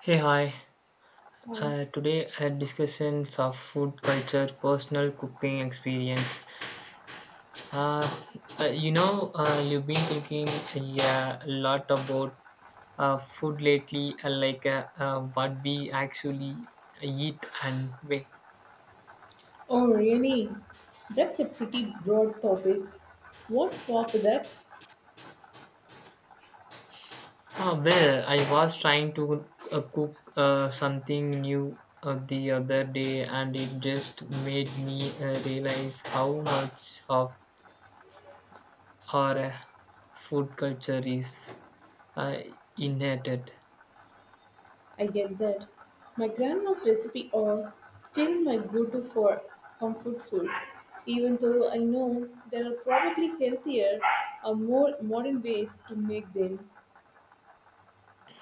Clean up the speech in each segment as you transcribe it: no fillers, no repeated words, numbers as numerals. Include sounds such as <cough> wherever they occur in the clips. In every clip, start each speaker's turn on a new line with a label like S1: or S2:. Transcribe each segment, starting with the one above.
S1: Hey, hi.
S2: Hi.
S1: Today, discussions of food culture, personal cooking experience. Uh, you know, you've been thinking yeah, a lot about food lately, what we actually eat and where.
S2: Oh, really? That's a pretty broad topic. What sparked that?
S1: Well, I was trying to cook something new the other day, and it just made me realize how much of our food culture is uh, inherited.
S2: I get that. My grandma's recipe are still my go-to for comfort food, even though I know there are probably healthier or more modern ways to make them.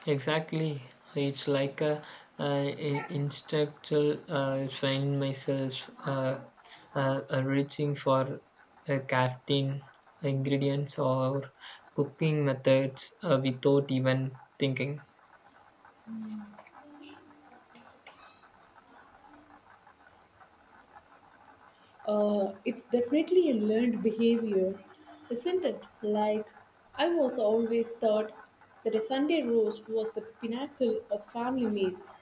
S1: Exactly, it's like a uh, instinctual find myself reaching for a cartoon ingredients or cooking methods without even thinking.
S2: It's definitely a learned behavior, isn't it? Like, I was always thought that a Sunday roast was the pinnacle of family meals.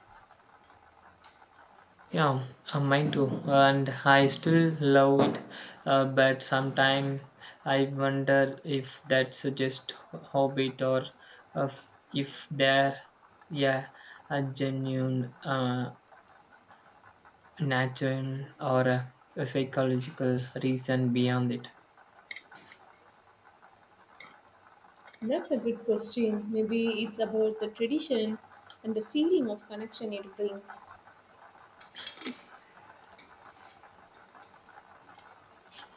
S1: Yeah, mine too. And I still love it, but sometimes I wonder if that's just hobby or uh, if there, yeah, a genuine natural or a psychological reason beyond it.
S2: That's a good question. Maybe it's about the tradition and the feeling of connection it brings.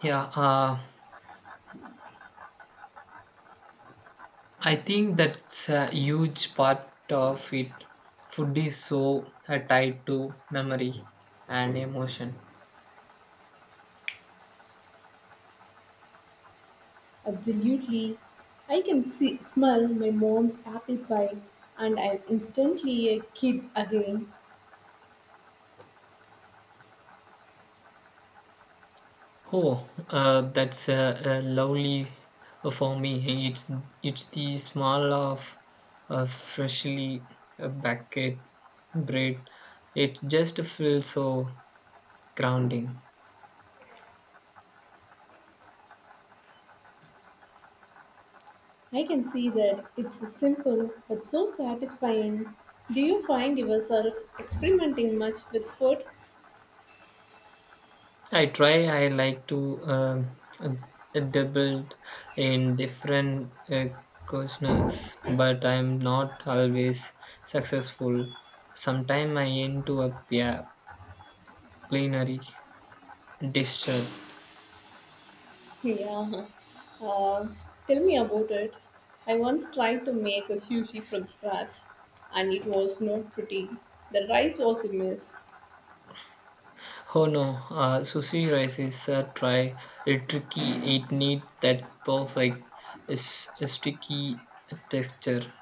S1: Yeah, I think that's a huge part of it. Food is so tied to memory and emotion.
S2: Absolutely. I can see, smell my mom's apple pie and I'm instantly a kid again.
S1: Oh, that's lovely for me. It's the smell of freshly baked bread. It just feels so grounding.
S2: I can see that it's simple but so satisfying. Do you find yourself experimenting much with food?
S1: I try. I like to dabble in different cuisines, but I'm not always successful. Sometimes I end up a culinary disaster.
S2: Yeah. Uh, Tell me about it. I once tried to make a sushi from scratch and it was not pretty. The rice was a mess.
S1: Oh no, sushi rice is a try. It tricky. It need that perfect sticky texture.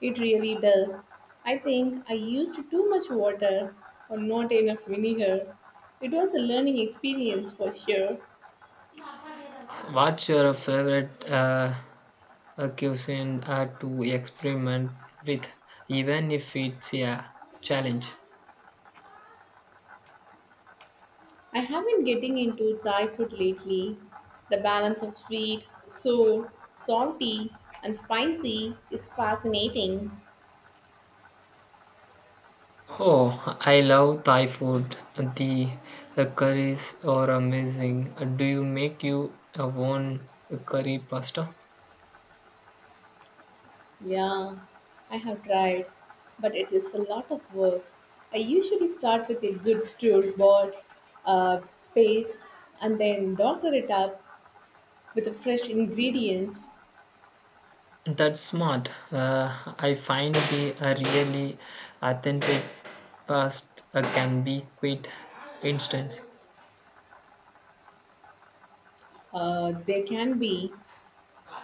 S2: It really does. I think I used too much water or not enough vinegar. It was a learning experience for sure.
S1: What's your favorite cuisine to experiment with, even if it's a challenge?
S2: I have been getting into Thai food lately. The balance of sweet, sour, salty, and spicy is fascinating.
S1: Oh, I love Thai food. The curries are amazing. Do you make your own curry pasta?
S2: Yeah, I have tried, but it is a lot of work. I usually start with a good stewed board uh, paste and then doctor it up with the fresh ingredients
S1: That's smart. I find the a really authentic past can be quite instant.
S2: uh, There can be.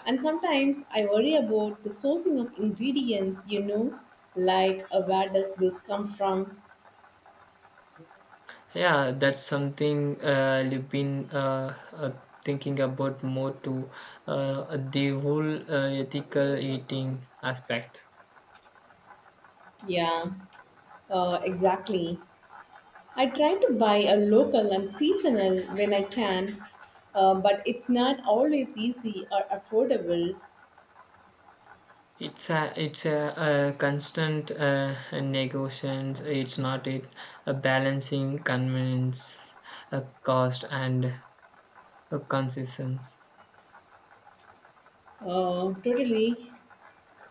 S2: And sometimes I worry about the sourcing of ingredients, you know, like where does this come from?
S1: Yeah, that's something you've been thinking about more to the whole ethical eating aspect.
S2: Yeah, exactly. I try to buy a local and seasonal when I can, but it's not always easy or affordable.
S1: It's a constant negotiations. It's not it a balancing convenience, a cost, and a consistency.
S2: Totally.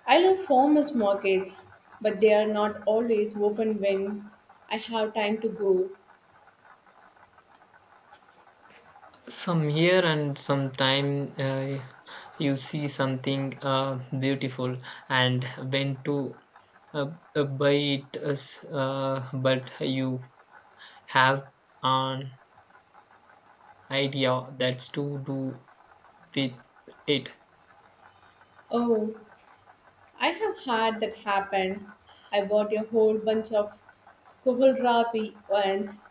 S2: I love farmers markets, but they are not always open when I have time to go.
S1: Some here and sometime you see something beautiful and went to uh, buy it as, but you have an idea that's to do with it.
S2: Oh, I have had that happen. I bought a whole bunch of kohlrabi once,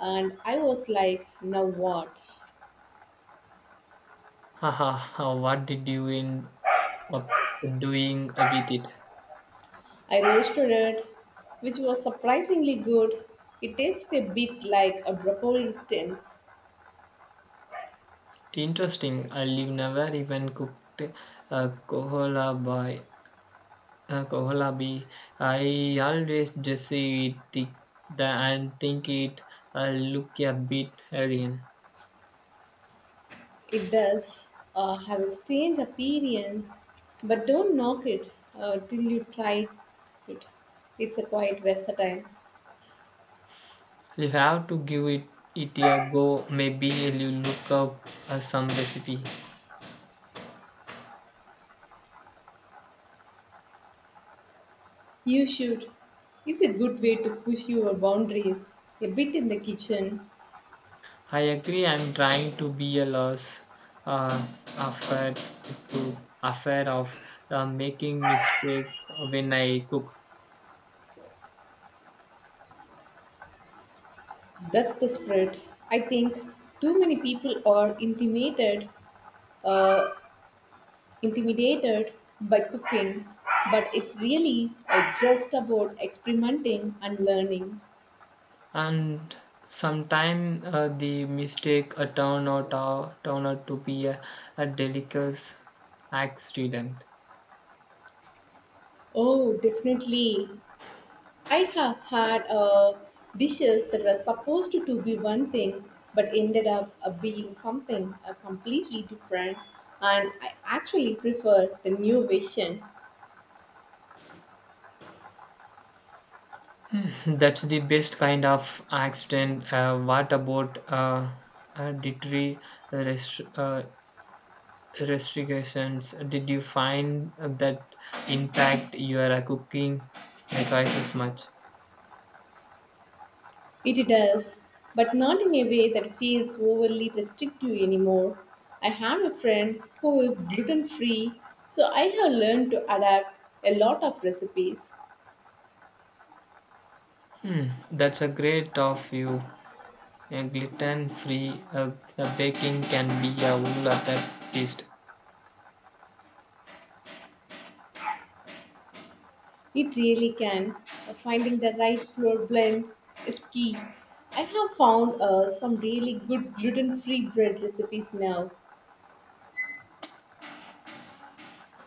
S2: and I was like, now what?
S1: Haha, what did you end up doing with it?
S2: I roasted it, which was surprisingly good. It tasted a bit like a broccoli stance.
S1: Interesting, I live never even cooked a kohola by. Koholabi, I always just see it thick the, and think it look a bit alien.
S2: It does have a strange appearance, but don't knock it till you try it. It's a quite versatile.
S1: You have to give it a go. Maybe you look up some recipe.
S2: You should. It's a good way to push your boundaries a bit in the kitchen.
S1: I agree. I'm trying to be a loss uh, afraid to afraid of making mistake when I cook.
S2: That's the spread. I think too many people are uh, intimidated by cooking, but it's really just about experimenting and learning.
S1: And sometimes they mistake a turn or turner to be a delicate accident.
S2: Oh, definitely. I have had dishes that were supposed to be one thing but ended up being something completely different, and I actually prefer the new version.
S1: <laughs> That's the best kind of accident. What about dietary rest- uh, restrictions? Did you find that impact your cooking choices much?
S2: It does, but not in a way that feels overly restrictive anymore. I have a friend who is gluten free, so I have learned to adapt a lot of recipes.
S1: Hmm, that's a great of you. A gluten-free baking can be a whole other beast.
S2: It really can. Finding the right flour blend is key. I have found some really good gluten free bread recipes now.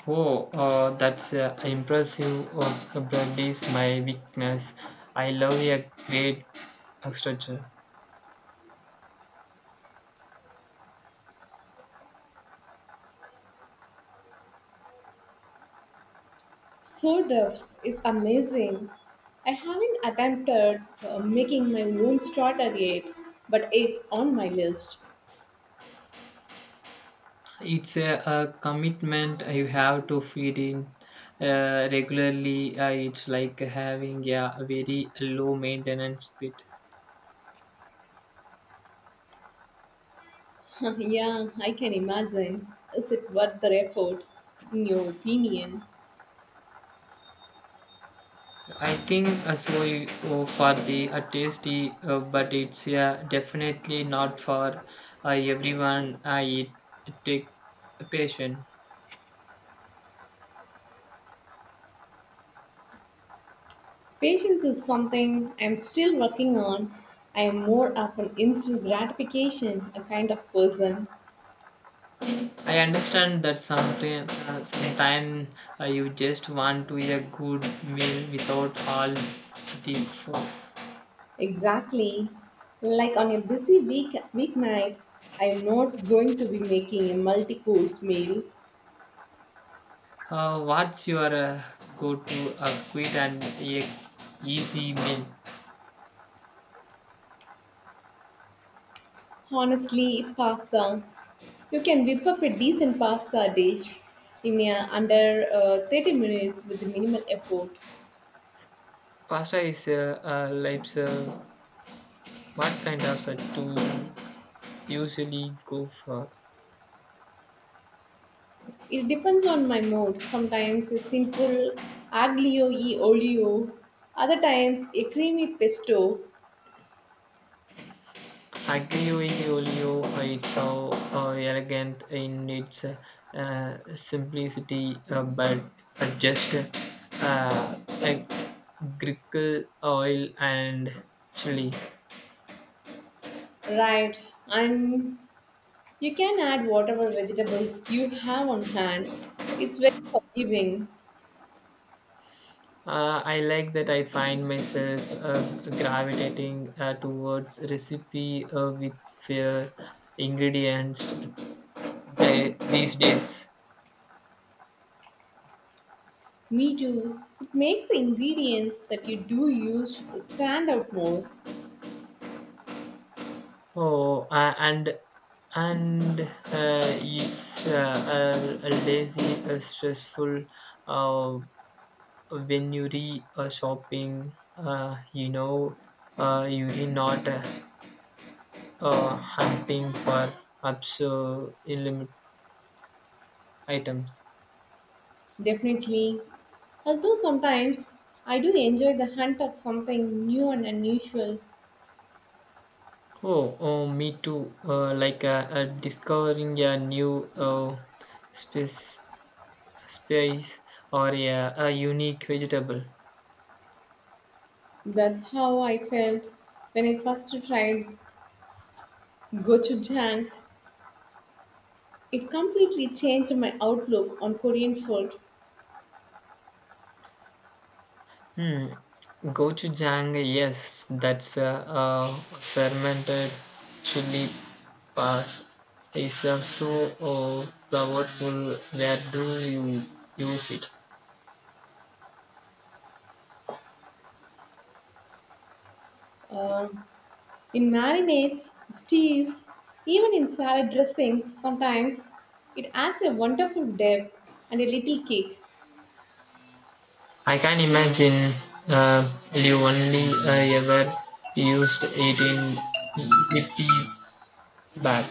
S1: Oh, that's impressive. Oh, the blood is my weakness. I love a great structure.
S2: Sourdough is amazing. I haven't attempted making my own starter yet, but it's on my list.
S1: It's a commitment you have to feed in regularly. It's like having a very low maintenance pit.
S2: <laughs> Yeah, I can imagine. Is it worth the effort, in your opinion?
S1: I think so oh, for the tasty, but it's yeah definitely not for everyone. I it take patient.
S2: Patience is something I'm still working on. I am more of an instant gratification a kind of person.
S1: I understand that sometime, sometime you just want to eat a good meal without all the fuss.
S2: Exactly. Like on a busy week weeknight, I am not going to be making a multi-course meal.
S1: What's your go-to quick and easy meal?
S2: Honestly, pasta. You can whip up a decent pasta dish in under 30 minutes with minimal effort.
S1: Pasta is like what kind of to usually go for?
S2: It depends on my mood. Sometimes a simple aglio e olio, other times a creamy pesto,
S1: Aglio-Olio, it's so elegant in its simplicity, but just like grickle oil and chili.
S2: right? And you can add whatever vegetables you have on hand. It's very forgiving.
S1: I like that I find myself gravitating towards recipe with fair ingredients these days.
S2: Me too. It makes the ingredients that you do use stand out more.
S1: Oh, and it's a lazy, a stressful uh, when you re shopping. You know, you are not hunting for absurd limit items.
S2: Definitely. Although sometimes I do enjoy the hunt of something new and unusual.
S1: Oh, oh, me too. Discovering a new space, space or a unique vegetable.
S2: That's how I felt when I first tried gochujang. It completely changed my outlook on Korean food.
S1: Hmm. Gochujang, yes, that's a, fermented chili paste. It's so uh, powerful. Where do you use it?
S2: Um, in marinades, stews, even in salad dressings sometimes. It adds a wonderful depth and a little kick.
S1: I can imagine you only ever used it in hippie back.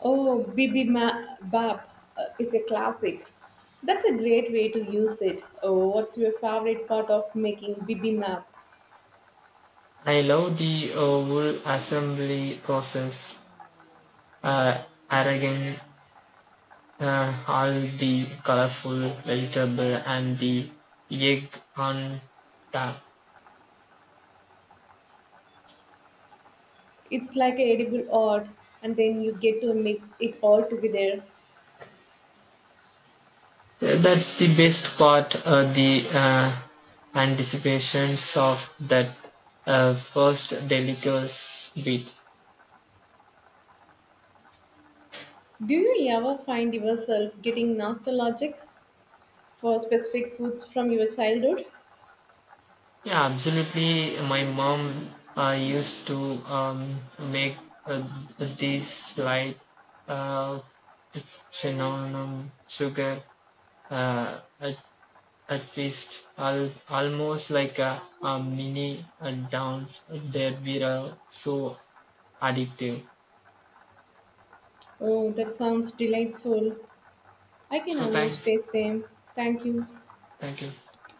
S2: Oh, bibimbap is a classic. That's a great way to use it. Oh, what's your favorite part of making bibimbap?
S1: I love the whole assembly process. Uh, Arrogant. All the colorful vegetable and the egg on top.
S2: It's like an edible art, and then you get to mix it all together.
S1: That's the best part. The anticipations of that first delicious bit.
S2: Do you ever find yourself getting nostalgic for specific foods from your childhood?
S1: Yeah, absolutely. My mom used to make uh, these like uh, cinnamon sugar uh, at first, almost like a mini dance, they were so addictive.
S2: Oh, that sounds delightful. I can
S1: So thank,
S2: almost taste them. Thank you.
S1: Thank you.